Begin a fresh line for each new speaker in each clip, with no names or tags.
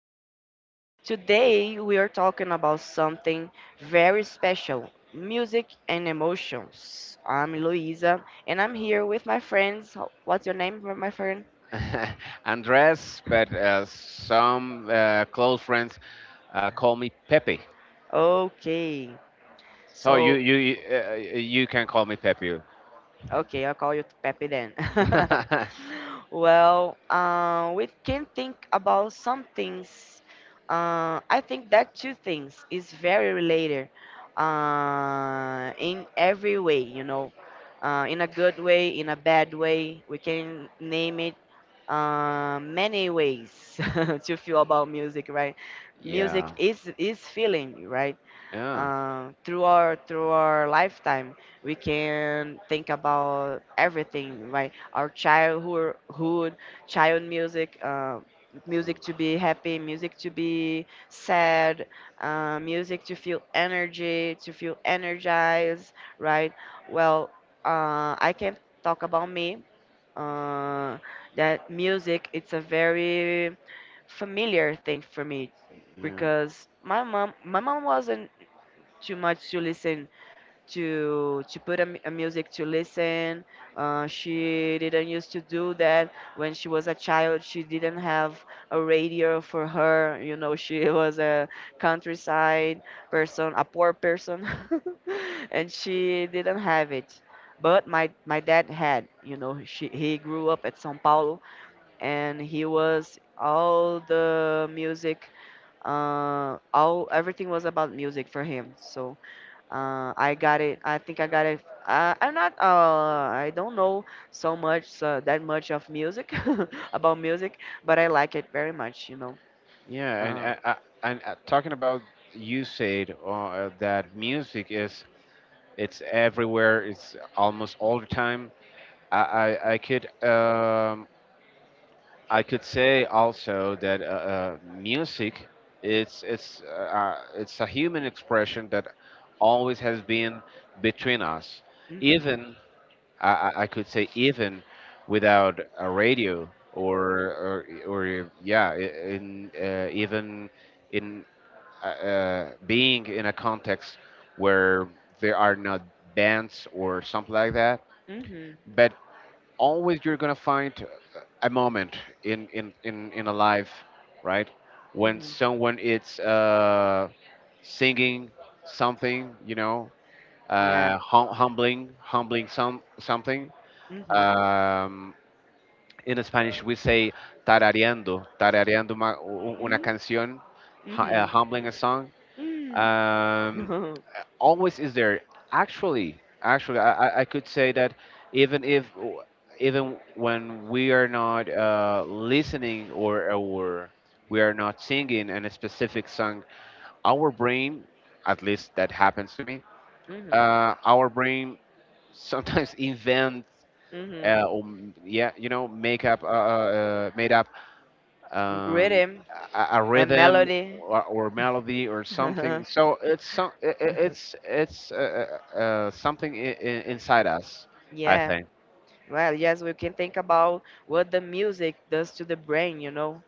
podcast. Today, we are talking about something very special music and emotions. I'm Luisa, and I'm here with my friends. What's your name, my friend?
Andres, but some close friends call me Pepe.
Okay.
So
So,
you can call me Pepe.
Okay, I'll call you Pepe then.
Yeah,
We can think about some things. I think that two things is very related in every way, in a good way, in a bad way. We can name it many ways to feel about music, right? Music
yeah,
is is feeling, right? Through our lifetime we can think about everything, right? Our childhood, child music, music to be happy, music to be sad, music to feel energy, to feel energized, right? Well, I can talk about me. uh, that music, it's a very familiar thing for me,
yeah,
because my mom wasn't too much to listen to put a music to listen. She didn't used to do that. When she was a child, she didn't have a radio for her, you know. She was a countryside person, a poor person. And she didn't have it. But my dad had, you know. He grew up at Sao Paulo, and he was all the music. All everything was about music for him. So I got it. I think I got it. I, I'm not. I don't know so much, so that much of music. About music, but I like it very much. You know.
yeah. And
Uh,
uh, uh, and uh, talking about, you said that music is it's everywhere. It's almost all the time. I I, I could um, I could say also that music it's it's uh, it's a human expression that always has been between us.
Yeah. Mhm.
Even, I could say even without a radio or yeah, I- in even in, being in a context where there are not bands or something like that,
Mhm.
but always you're gonna find a moment in a life, right? When
Mhm.
someone is singing something,
Yeah.
humbling something.
Mhm.
Um, in Spanish, we say tarareando una
Mhm.
canción,
Mhm.
humbling a song.
Mhm.
Um, Always is there. Actually, I could say that even if even when we are not listening or we are not singing in a specific song, our brain, at least that happens to me,
Mhm.
our brain sometimes invents.
Mhm.
Yeah, you know, make up, made up, um,
Rhythm
a
and
rhythm
melody.
or melody or something. So it's some, I- it's something inside us, I
Yeah,
think.
well, yes, we can think about what the music does to the brain, you know.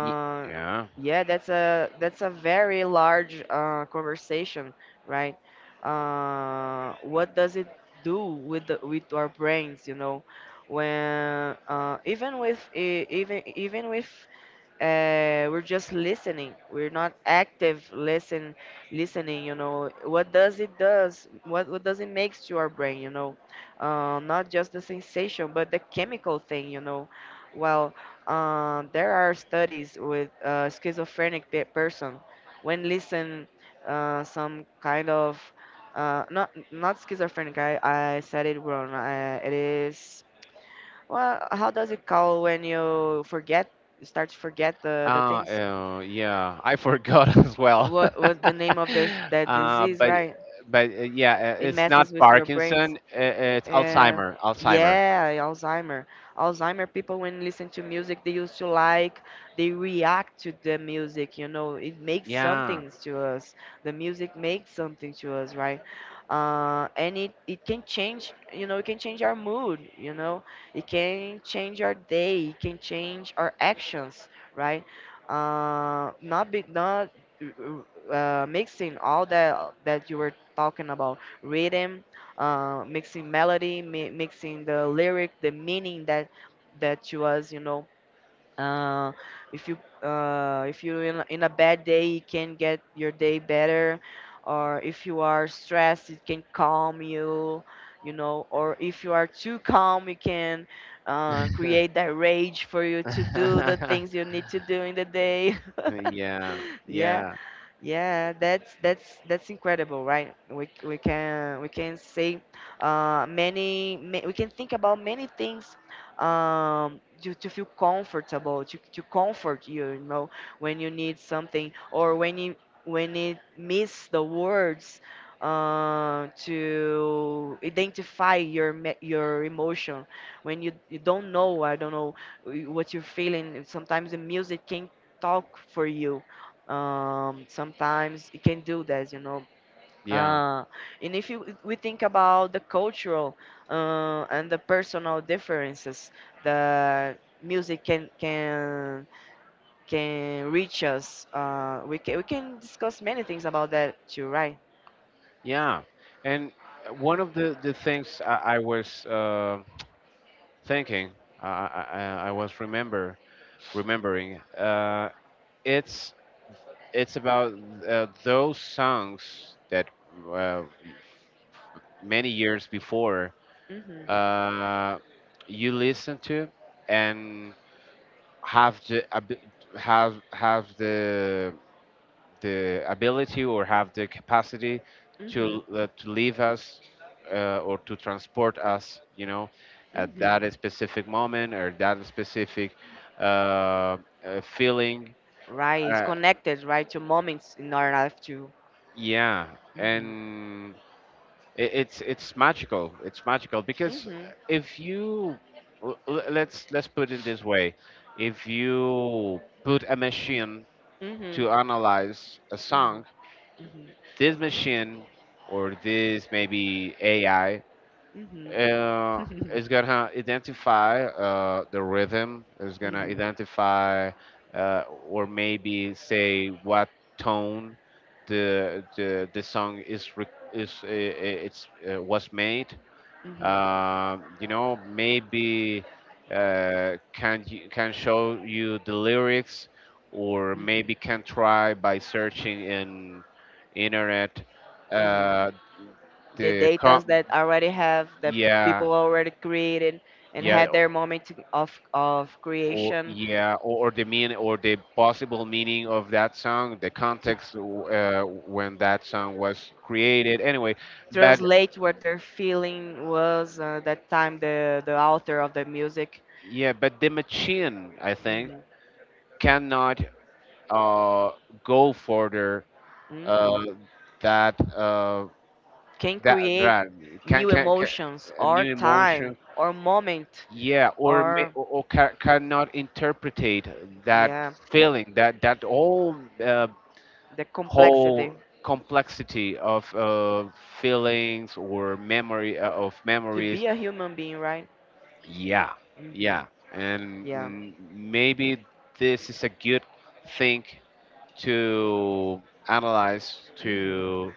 Y- Yeah.
yeah, that's a very large conversation, right? What does it do with with our brains? You know, when even with even with, we're just listening, we're not active listen listening, you know. What does it does? What does it makes to our brain, you know? Not just the sensation, but the chemical thing, you know. Well, there are studies with schizophrenic person, when listen some kind of not not schizophrenic. I said it wrong. It is, well, how does it call when you forget? You start to forget the things?
Yeah, I forgot as well.
What the name of the that
uh,
disease,
but
right?
but yeah,
It
it's
messes
not
with your brains.
Parkinson. It's
Uh,
Alzheimer. Alzheimer.
yeah, Alzheimer. Alzheimer people, when listen to music, they used to like, they react to the music, you know, it makes
Yeah.
something to us. The music makes something to us, right? And it can change, you know, it can change our mood, you know, it can change our day, it can change our actions, right? Not be, not mixing all that you were talking about, rhythm, mixing melody, mixing the lyric, the meaning that you was, you know. Uh, if you if you in a bad day, it can get your day better, or if you are stressed, it can calm you, you know. Or if you are too calm, you can create that rage for you to do the things you need to do in the day.
Yeah.
yeah.
Yeah.
Yeah, that's incredible, right? We can say we can think about many things, to feel comfortable, to comfort you, you know, when you need something, or when you miss the words to identify your emotion, when you don't know, I don't know what you're feeling. Sometimes the music can talk for you. Sometimes it can do that, you know.
Yeah.
uh, and if you, we think about the cultural and the personal differences, the music can reach us. We can discuss many things about that too, right?
Yeah, and one of the things I was thinking, I, I, I I was remembering, it's it's about those songs that uh, many years before
Hmm.
uh, you listen to and have the abi- have the ability or have the capacity
Hmm.
to leave us or to transport us, you know, at
Hmm.
that specific moment or that specific uh, uh, feeling.
Right, it's
Uh,
connected, right? To moments in our life too.
yeah,
Mm-hmm.
and it's magical. It's magical because,
Hmm.
if you let's put it this way, if you put a machine
Hmm. Hmm.
to analyze a song,
Hmm.
this machine or this maybe AI
Hmm.
uh, is gonna identify the rhythm, is gonna identify or maybe say what tone the song is re- is it's was made,
Hmm.
you know, maybe can you, can show you the lyrics, or maybe
Hmm.
can try by searching in internet,
Hmm.
uh,
The
the com-
datas that I already have, that
yeah,
people already created and
yeah,
had their moment of
or
creation
yeah, or the mean or the possible meaning of that song, the
to
context when that song was created. Anyway, but
translate what their feeling was, that time, the author of the music.
yeah, but the machine, I think,
Hmm.
cannot uh, go further, uh,
Hmm.
that
Can
that
create
that
new
can
emotions
a
or
new
time
emotion.
or moment.
Yeah, or may,
Or
or cannot interpretate that
yeah,
feeling, that all, uh,
the complexity
whole complexity of, feelings or memory, of
to
memories.
be a human being, right?
Yeah,
Hmm.
yeah, and
Yeah.
maybe this is a good thing to analyze,
Hmm.
to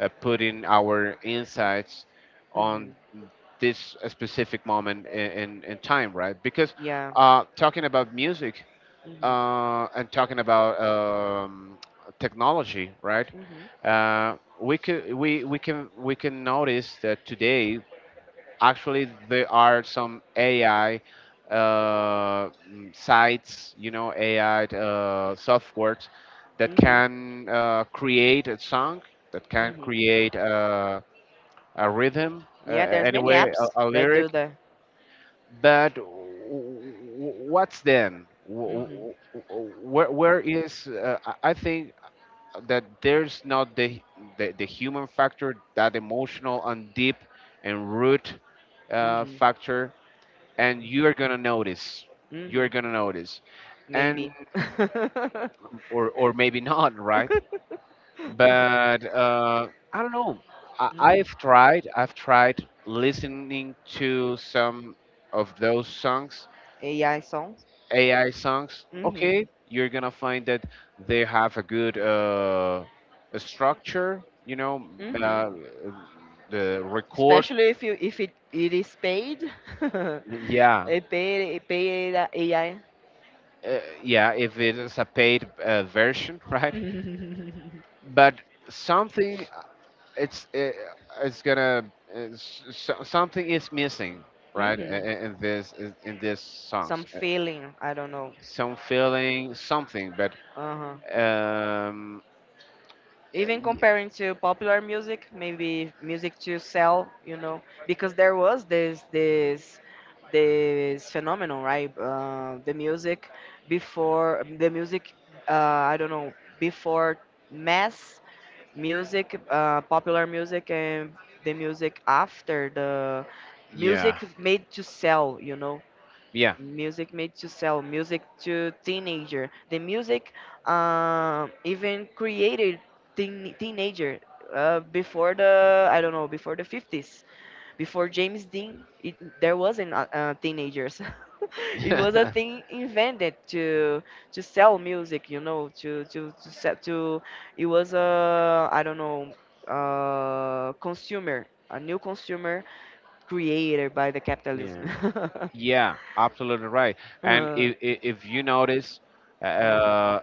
putting our insights on
Hmm.
this specific moment in time, right? Because
Yeah.
talking about music
Hmm.
and talking about technology, right?
Hmm.
We could we can We can notice that today actually there are some AI sites, you know, AI softwares that
Hmm.
can create a song, that can
Hmm.
create a rhythm,
Yeah, there's many
anyway,
apps
a
that do
lyric.
the,
But what's then?
Mm-hmm.
Where is? I think that there's not the human factor, that emotional and deep and root
Mm-hmm.
factor, and you are gonna notice. You
Mm-hmm.
are gonna notice, and
Maybe. Mm-hmm.
or maybe not, right? But I don't know. I've tried. I've tried listening to some of those songs,
AI songs.
AI songs.
Mm-hmm.
Okay, you're gonna find that they have a structure. You know,
Mm-hmm.
uh, the record.
Especially if you if it, it is paid. a
Yeah,
a paid AI.
yeah. If it is a paid version, right?
Mm-hmm.
But something it's it, it's gonna it's, so- something is missing, right, in this in these
Some
songs.
feeling. I don't know.
Some feeling, something. but
Uh
um
even
y-
comparing to popular music, maybe music to sell, you know. Because there was this phenomenon, right? The music before the music, I don't know, before mass music, popular music, and the music after the music
yeah,
made to sell, you know.
yeah.
Music made to sell, music to teenager, the music even created teenager, before the, I don't know, before the 50s, before James Dean, there wasn't teenagers. It was a thing invented to sell music, you know. To, it was a, I don't know, consumer, a new consumer created by the
Yeah.
capitalism.
Yeah, absolutely right. And
Uh,
if you notice,
mhm.
uh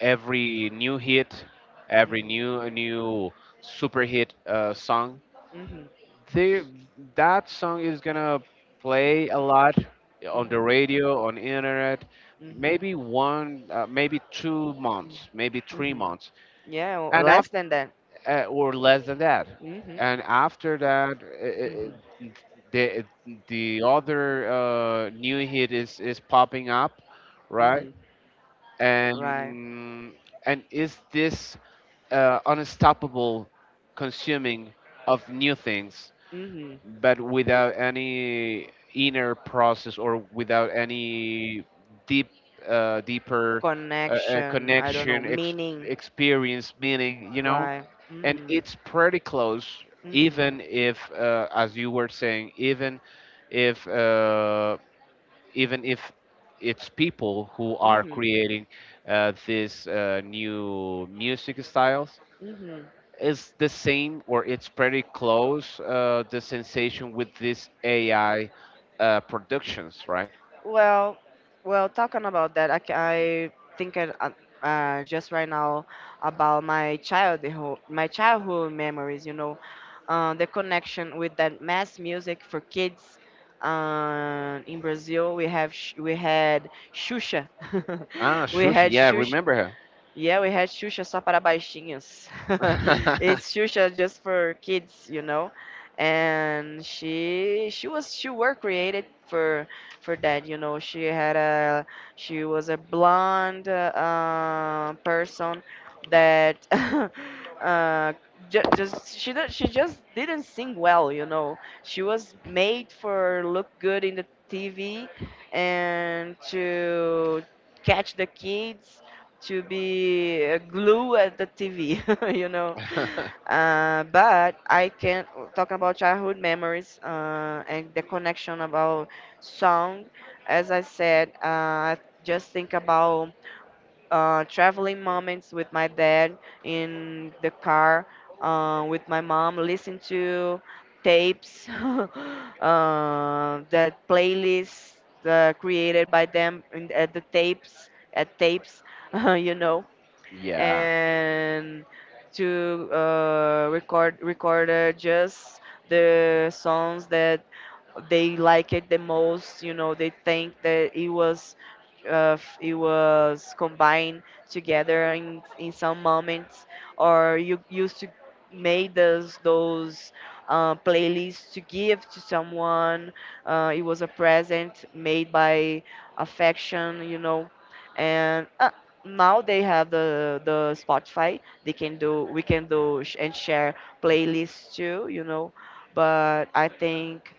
every new hit, every
Mhm.
new super hit song,
Mhm.
they, that song is gonna play a lot on the
Mhm.
radio, on internet,
Mhm.
maybe one, maybe two
Mhm.
months, maybe three
Mhm.
months,
Yeah, or
and after,
less than that.
or less than that.
Mhm.
And after that,
Mhm.
the the other new hit is popping up, right?
Mhm. Right.
And and is this unstoppable consuming of new things,
Mhm.
but without any inner process or without any deep, deeper
Connection. I don't know.
connection,
Meaning.
experience, meaning, you know,
Right.
and
Mhm.
it's pretty close,
Mhm.
even if, as you were saying, if, uh, even if it's people who are
Mhm.
creating this new music styles,
Mhm.
is the same or it's pretty close, the sensation with this AI productions, right?
Well, well, talking about that, I think I, just right now, about my childhood memories. You know, the connection with that mass music for kids. In Brazil, we had Xuxa,
Ah,
we
Shush,
had
yeah, I
Xuxa,
remember her.
yeah, we had Xuxa só para baixinhos. It's Xuxa just for kids, you know. And she were created for that, you know. She was a blonde person that uh, just she just didn't sing well, you know. She was made for look good in the TV, and to catch the kids, to be a glue at the TV, you know. But I can talk about childhood memories and the connection about song. As I said, I just think about traveling moments with my dad in the car, with my mom, listen to tapes, that playlists created by them at the tapes, at tapes, you know,
Yeah.
and to recorded just the songs that they like it the most, you know. They think that it was it was combined together in some moments, or you used to made those playlists to give to someone. It was a present made by affection, you know. And now they have the Spotify. They can do, we can do and share playlists too, you know. But I think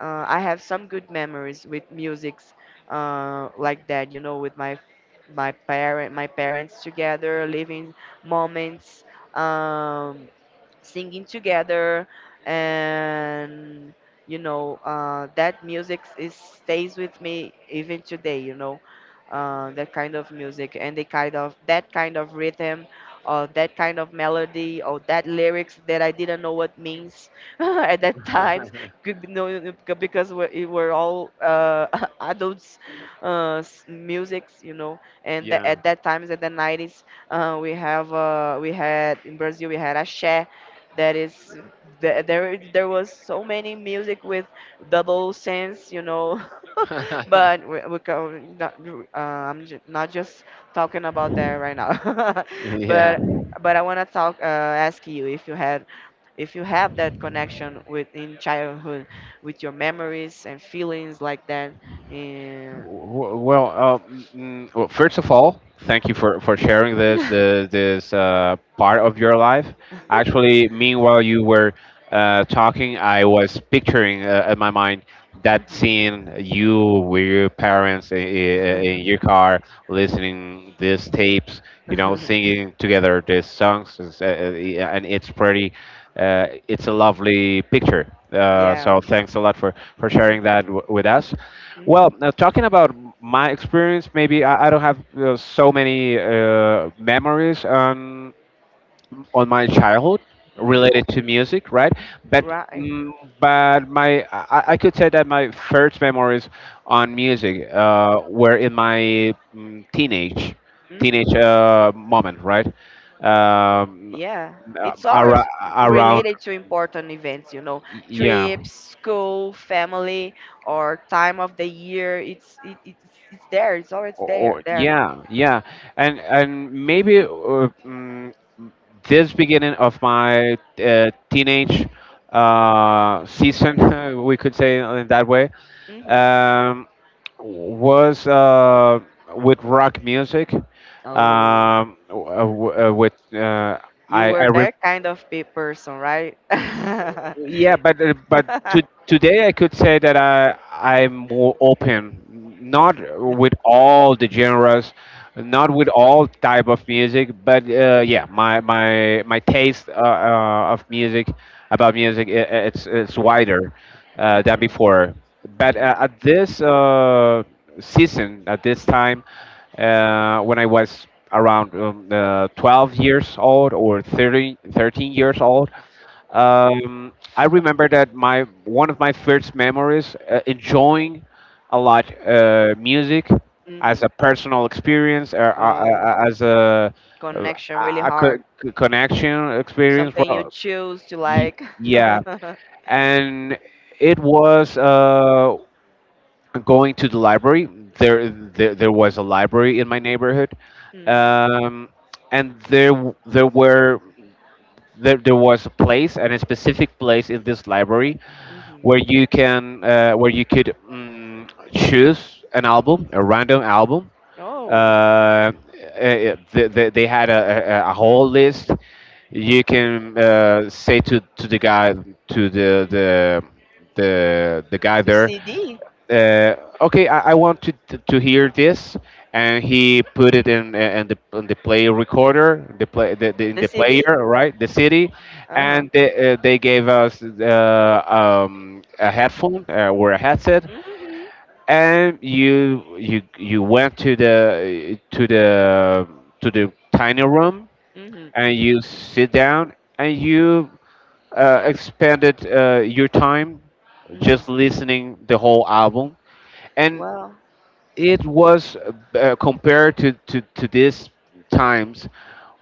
I have some good memories with musics like that. You know, with my my parent my parents together, living moments. Um, singing together, and you know, that music is stays with me even today, you know. That kind of music, and the kind of, that kind of rhythm, or that kind of melody, or that lyrics that I didn't know what means at that time. Could no, no, because we it were all adults musics, you know. And
Yeah.
at that times at the 90s, we had in Brazil, we had a, that is, there there was so many music with double sense, you know. But we can not, uh, not just talking about that right now.
Yeah.
but but I want to talk, ask you if you had, if you have that connection with in childhood with your memories and feelings like that. Yeah.
Well, first of all, thank you for sharing this, this part of your life. Actually, meanwhile you were talking, I was picturing, in my mind, that
Mhm.
scene, you with your parents in your car, listening these tapes, you know, singing together these songs, and it's pretty. It's a lovely picture. Uh,
yeah.
so thanks a lot for sharing that
Mm-hmm.
with us. Well, now talking about my experience, maybe I don't have so many memories on my childhood
Hmm.
related to music, right? But
Right.
mm, but my I could say that my first memories on music were in my,
Mm-hmm.
teenage moment, right? Um,
Yeah,
uh,
it's
ara-
always
Around,
related to important events, you know,
yeah.
trips, school, family, or time of the year. It's there. It's always
Or,
there. There.
yeah, yeah, and maybe, mm, this beginning of my teenage season, we could say in that way,
Hmm.
um, was with rock music.
Oh,
W- w- with
you were
I, re-
that kind of person, right? Hmm.
Yeah, but today, I could say that I'm more open, not with all the genres, not with all type of music, but yeah, my taste of music, about music, it's wider than before, but
Hmm.
at this season, at this time,
Hmm.
when I was around, 12 years old, or 30, 13 years old. I remember that my one of my first memories enjoying a lot music
Hmm.
as a personal experience, or
Oh,
as uh,
connection really
a
hard.
connection experience.
Something you choose to
Y-
like.
Yeah,
Mm-hmm.
and it was going to the library. There was a library in my neighborhood, um, and there w- there were there, there was a place, and a specific place in this library where you can where you could choose an album a random album,
Oh,
uh, eh, eh, they had a whole list. You
mm.
can say to the guy, to the guy
to
there,
CD,
uh, okay, I want to hear this, and he put it in the play recorder, the play the in
the
the
CD.
player, right, the city,
Uh-huh.
and they gave us, a headphone, or a headset,
Mhm.
and you went to the tiny room,
Mhm.
and you sit down, and you expanded your time
Mhm.
just listening the whole album. And
Well.
it was compared to, these times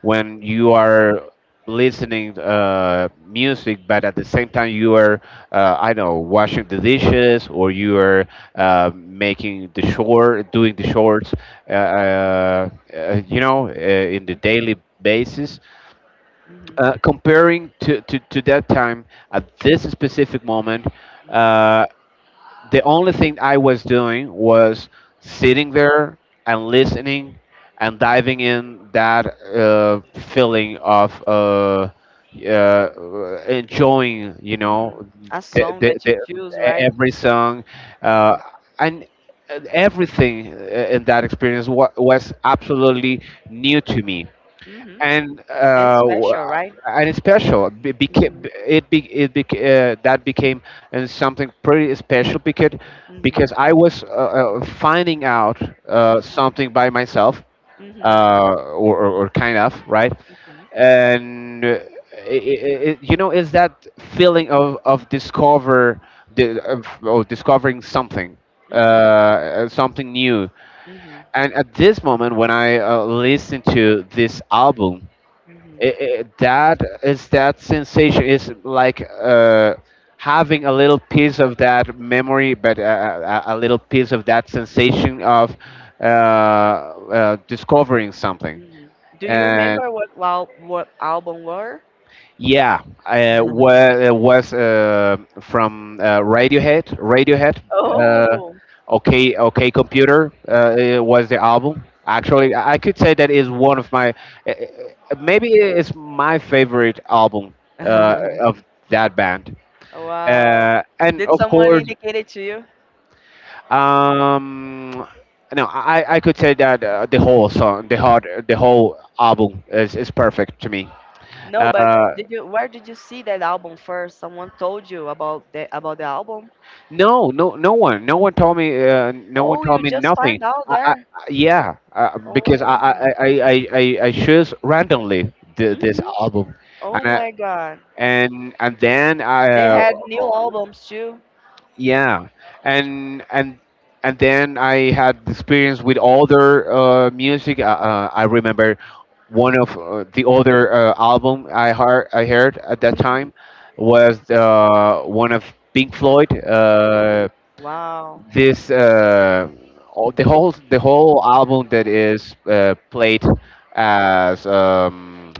when you are listening music, but at the same time you are, I don't know, washing the dishes, or you are making the shore, doing the shorts, you know, in the
Mhm.
daily basis,
Mhm.
comparing to, that time. At this specific moment, uh, the only thing I was doing was sitting there and listening, and diving in that, feeling of, enjoying, you
Mhm.
know,
A song that you choose, right?
every song, uh,
Mhm.
and everything in that experience was absolutely new to me,
Mhm.
and
And
uh, w-
special, right?
and it's special. It became
Mhm.
it be, it bec that became something pretty special,
Mhm.
because I was finding out
Mhm.
something by myself,
Mhm.
uh, or, kind of, right,
Mhm.
and I it's that feeling of discover the of discovering something,
Mhm.
something new.
Mhm.
And at this moment, when I listen to this album,
Mhm.
that sensation is like, having a little piece of that memory, but, a little piece of that sensation of, discovering something.
Mhm. Do you remember what, wow, what album were?
Yeah, was from, Radiohead. Radiohead. Uh,
Oh.
okay, Computer, it was the album. Actually, I could say that is one of my, maybe it's my favorite album of that band.
Wow.
And
Did
of
someone
course,
indicate it to you?
um, no, I could say that the whole song, the whole album is perfect to me.
No,
Uh,
but did you where did you see that album first? Someone told you about the album?
No, no, no one told me. No one
Oh,
told
you
me
just
nothing.
find out
I, I I-
there.
yeah, because I,
Oh,
I, I, I, I I chose randomly this
hmm.
album, and
Oh
I,
my God.
and then I,
They had new albums too.
yeah, and and and then I had experience with other music. I remember one of the other album I heard at that
Mm-hmm.
time was one of Pink Floyd.
hmm Wow.
This the whole album that is played as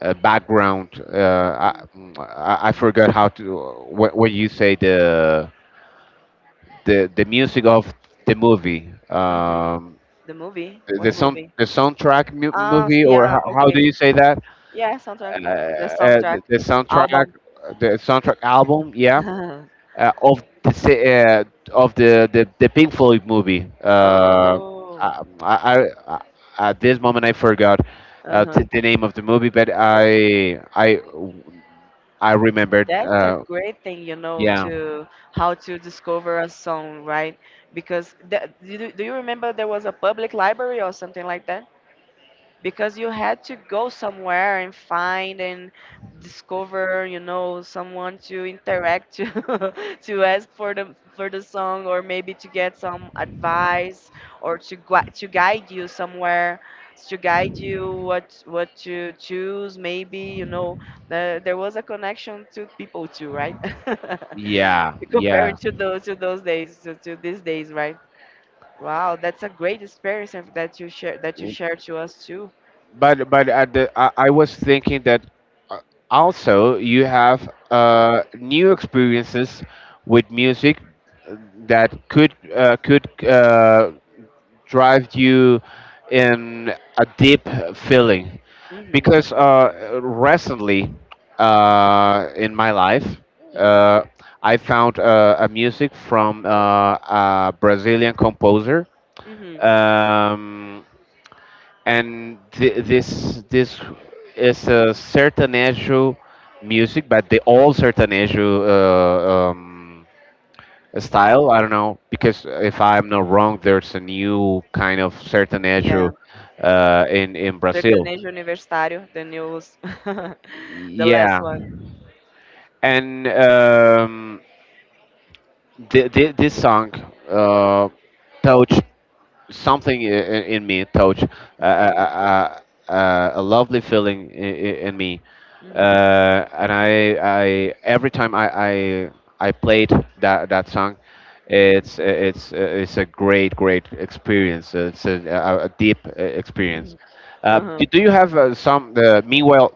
a background.
mm
I,
hmm
I I forgot how to what you say the the music of the movie.
hmm The movie? What movie?
The soundtrack movie or
Yeah,
how do
okay.
you say that?
Yeah, soundtrack
Uh,
movie. The
uh,
soundtrack
the, the soundtrack
album.
the soundtrack album. Yeah. uh, of the se- uh, of the Pink Floyd movie.
Oh,
I, I, I At this moment I forgot
uh-huh.
the name of the movie, but I remembered.
That's a great thing, you know,
Yeah,
to how to discover a song, right? Because do, you remember there was a public library or something like that? Because you had to go somewhere and find and discover someone to interact to, to ask for the song, or maybe to get some advice, or to to guide you somewhere, to guide you what to choose maybe. There was a connection to people too, right?
yeah, yeah.
comparing to those, to those days, to these days, right? Wow, that's a great experience that you share, that you share to us too.
But I was thinking that uh, also you have new experiences with music that could drive you in a deep feeling
Uhum,
because recently
uhum,
in my life
uhum,
uh, I found a music from a brazilian composer.
uhum.
um, and this is a sertanejo music but the old sertanejo style. I don't know because if I'm not wrong, there's a new kind of
Yeah,
sertanejo in Brazil.
sertanejo universitário, the news, the last
Yeah,
one.
and this song uh, touched something in me, touch uh,
Mhm,
uh, a lovely feeling in me.
mhm,
And I every time I I played that song,
mhm.
it's it's a great experience, it's a deep experience.
Uhum.
Do you have some meanwhile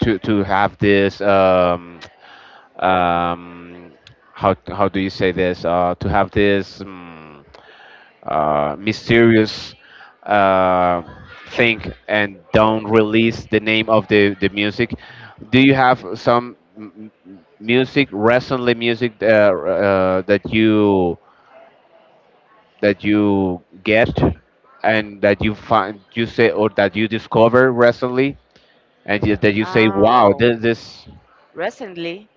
to have this um, how do you say this, to have this mysterious uh, thing and don't release the name of the music? Do you have some music that you get and that you find, you say, or that you discover recently and that you say, wow,
Oh,
this?
recently?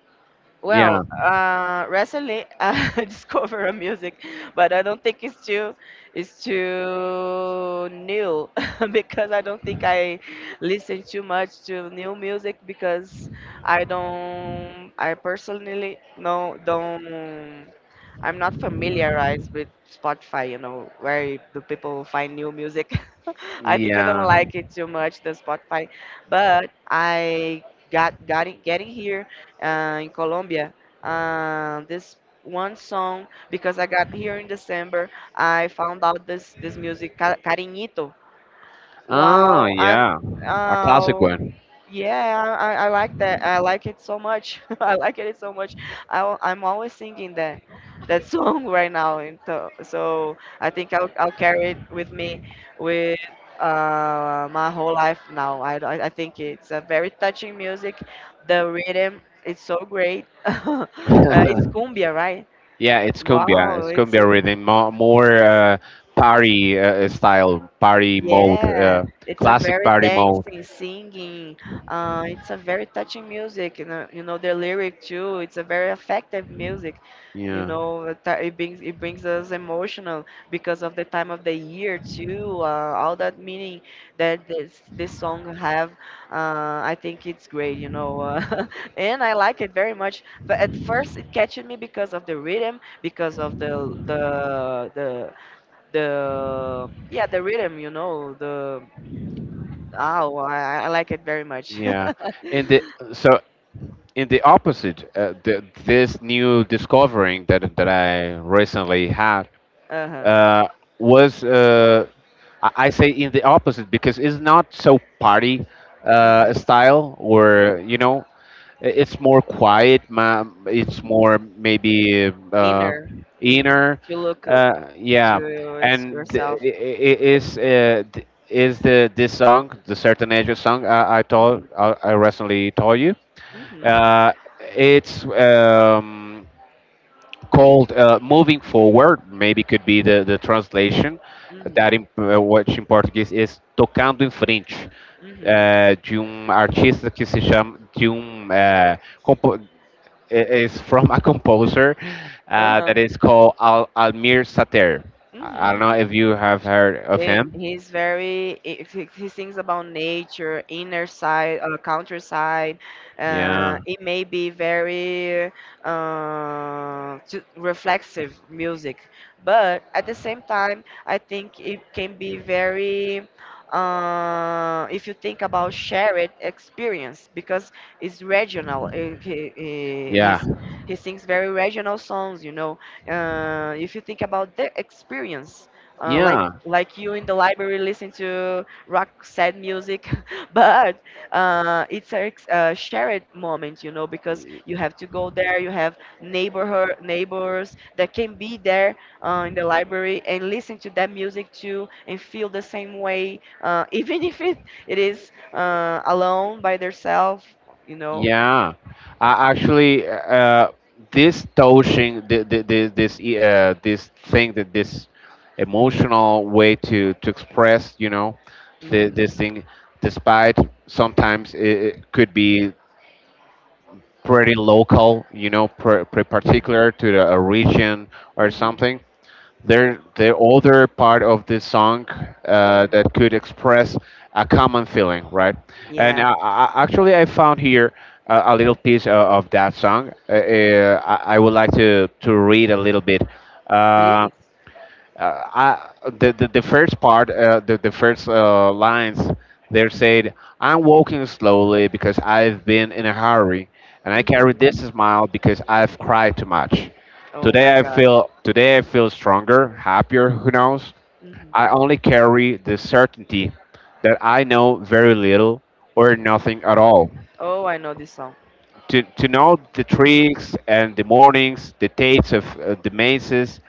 Yeah,
Well, recently I discovered a music, but I don't think it's too, it's too new, because I don't think I listen too much to new music. Because I personally no don't, I'm not familiarized with Spotify, you know, where do people find new music. I think I don't
yeah.
like it too much, the Spotify, but I got it getting here in Colombia. This one song, because I got here in December. I found out this music, Cariñito.
Oh,
Wow, I'm
yeah. A classic
uh
one.
yeah, I like that. I like it so much. I like it so much. I, I'm always singing that song right now. And so I think I'll carry it with me with, my whole life now. I I think it's a very touching music. The rhythm is so great. It's cumbia, right?
Yeah, it's cumbia.
Wow,
It's
it's.
cumbia rhythm, more party style, party mode,
Yeah, it's a
classic
very
party mode.
dancing, singing. It's a very touching music. You know the lyric too. It's a very effective music. You
Yeah,
know, it it brings us emotional because of the time of the year too. All that meaning that this song have. I think it's great. You know, and I like it very much. But at first, it catches me because of the rhythm, because of the yeah the rhythm you know the Oh, I like it very much.
yeah.
uh-huh.
In the so in the opposite, this new discovering that I recently had uh, was I say in the opposite because it's not so party
hmm
style or you know, it's more quiet. It's
hmm
more maybe
inner. In
inner.
to look,
Yeah,
to, it's
and th-
yourself.
I- Is th- is the this song, the Sertanejo song
Hmm
I recently told you.
hmm
Uh, it's called Moving Forward, maybe could be the translation,
hmm
that which in Português is Tocando em Frente,
hmm
de artista que se chama, compo- is from a composer
uh-huh.
that is called Al Almir Sater. I don't know if
hmm
you have heard of
Eh,
him.
he's very, if he sings about nature, inner side, countryside.
Yeah,
It may be very, to reflexive music, but at the same time I think it can be very, if you think about shared experience, because it's regional.
yeah,
He sings very regional songs, you know. If you think about the experience, uh, like
yeah.
like you in the library listen to rock sad music, but, shared moment, you know, because you have to go there. You have neighborhood, neighbors that can be there, in the library and listen to that music too and feel the same way, even if it, it is, alone by themselves, you know.
Yeah, I actually this touching this this thing, that this emotional way to express, you know,
Hmm
this thing, despite sometimes it could be pretty local, you know, pre
hmm
particular to a region or
hmm
something, they're the older part of this song
hmm
that could express a common feeling, right? And
yeah.
actually, I found here a little piece of that song.
hmm
I would like to read a little bit. Uh,
please.
the first part, the first lines, they said, "I'm walking slowly because I've been in a hurry, and I carry
Hmm
this smile because I've cried too much.
oh my God.
Today I feel stronger, happier. Who knows? I
Hmm
only carry the certainty that I know very little or
hmm
nothing at all,
Oh, I know this song.
to know the
hmm
tricks and the mornings, the dates of the mazes,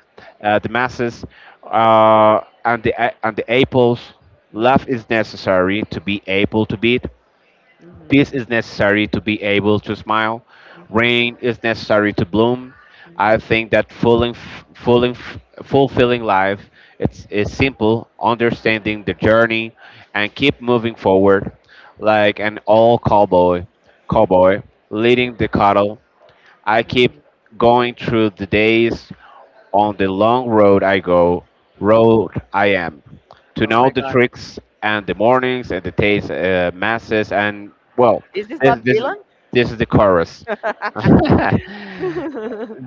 the masses, and and the apples. Love
hmm
is necessary to be able to beat.
hmm
Peace is necessary to be able to smile. Rain is necessary to bloom. I think that fulfilling, fulfilling life it's is simple, understanding the journey, and keep moving forward, like an old cowboy leading the cattle. I
hmm
keep
hmm
going through the days, on the long road I go,
hmm
road I am, to
Oh
know
my
the
God.
tricks and the mornings and the taste masses and well,"
Is this
this
Bob
this
Dylan?
this is the chorus. that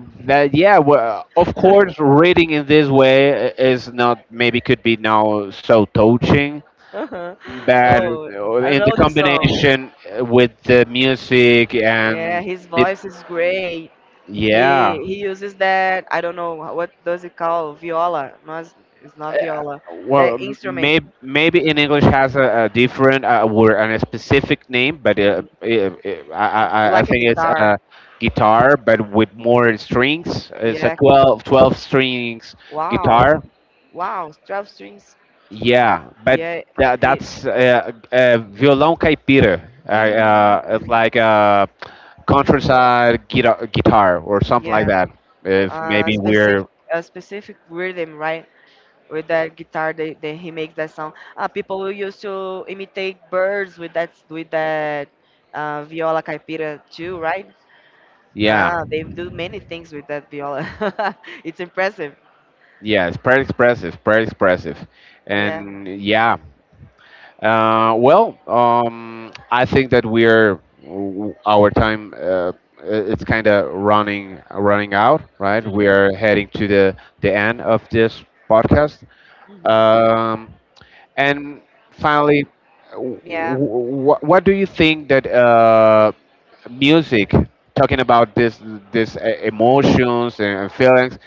Yeah, well, of course, reading in this way is not, maybe could be now so touching,
Uh-huh.
but
Oh, I
in the
know this song.
combination with the music
Yeah,
and
his
the,
voice is great.
yeah.
He uses that, I don't know what does it call, viola. No, it's not viola. That
Well,
instrument.
maybe in English has a different word and a specific name, but uh,
Mhm.
eh, eh, I,
It's
I I
like a
think it's
guitar.
a guitar, but with more strings. It's a
Yeah.
twelve strings
Wow.
guitar.
Wow. 12 strings.
Yeah, but
Yeah, it.
that's violão caipira.
Mm-hmm.
It's like a
hmm
countryside guitar or something like
Yeah.
that. If maybe
Specific
we're
a specific rhythm, right? With that guitar, they he makes that sound. People will used to imitate birds with that, viola caipira too, right?
Yeah,
Ah, they do many things with that viola. It's impressive.
yeah, it's pretty expressive,
Yeah.
and yeah. Well, I think that our time, it's kind of running out, right? We
hmm
are heading to the end of this podcast.
hmm
Um, and finally,
Yeah.
what do you think that music, talking about emotions and feelings,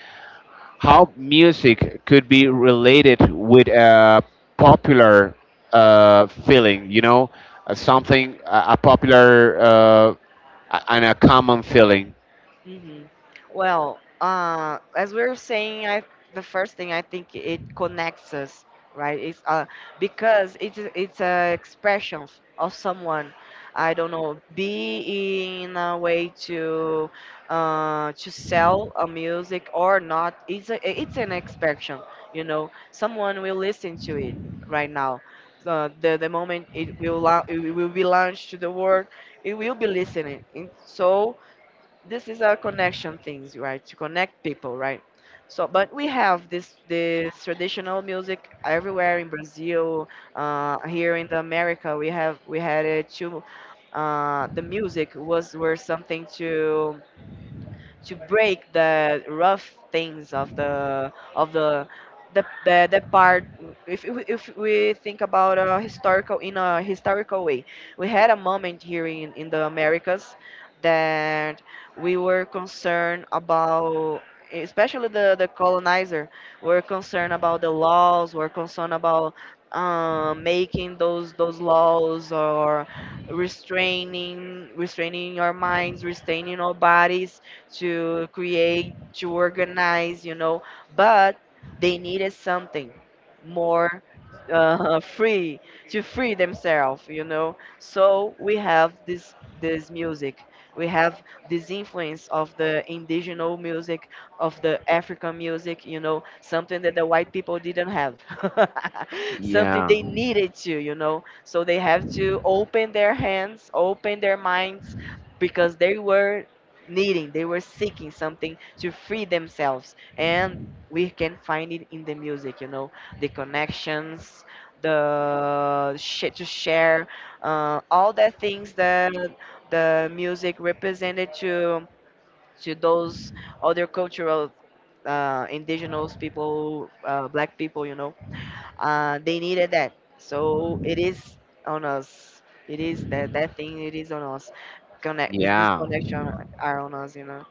how music could be related with a popular feeling, you know, something, a popular and a common feeling?
hmm Well, as we are saying, I, the first thing I think it connects us, right? It's because it's a expression of someone. I don't know, be, in a way to, to sell a music or not. It's an expression, you know. Someone will listen to it right now. The moment it will it will be launched to the world, it will be listening. And so this is our connection things, right? To connect people, right? So, but we have this traditional music everywhere in Brazil. Here in the America we have we had it too. The music was were something to break the rough things of the, the part, if we think about a historical in a historical way. We had a moment here in the Americas, that we were concerned about, especially the colonizer, were concerned about the laws, were concerned about, making those laws, or restraining our minds, restraining our bodies, to create, to organize, you know, but they needed something more, free, to free themselves, you know. So we have this music. We have this influence of the indigenous music, of the African music, you know, something that the white people didn't have. something
Yeah,
they needed to, you know. So they have to open their hands, open their minds, because they were needing, they were seeking something to free themselves. And we can find it in the music, you know, the connections, to share, all the things that the music represented to those other cultural, indigenous people, black people, you know, they needed that. So it is on us. It is that that thing. It is on us. Connect this, this
yeah,
connection are on us, you know.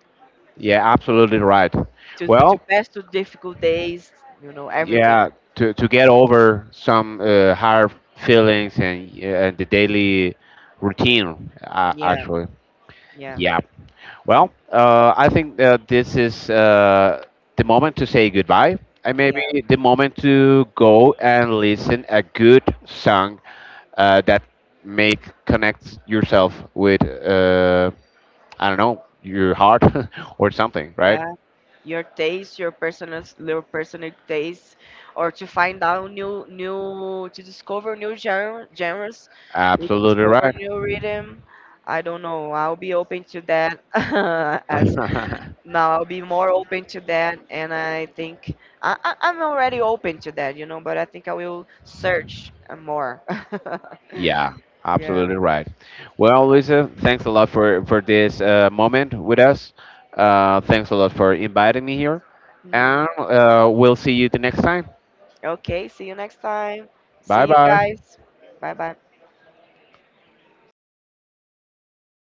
yeah, absolutely right.
To
Well,
pass through difficult days, you know, everything.
yeah, to get over some hard feelings and the daily routine,
Yeah,
actually.
yeah,
Yeah. Well, I think this is the moment to say goodbye, and maybe
yeah,
the moment to go and listen a good song that make connects yourself with, I don't know, your heart, or something, right?
yeah. Your taste, your personal taste, or to find out new, new, to discover new genre, genres, we
Absolutely
discover
right.
new rhythm. I don't know. I'll be open to that as now. I'll be more open to that, and I think I'm already open to that, you know. But I think I will search more.
Yeah,
yeah.
absolutely right. Well, Luisa, thanks a lot for this moment with us. Thanks a lot for inviting me here,
Mm-hmm.
and we'll see you the next time.
Okay, see you next time.
Bye
See you
bye.
guys. Bye bye.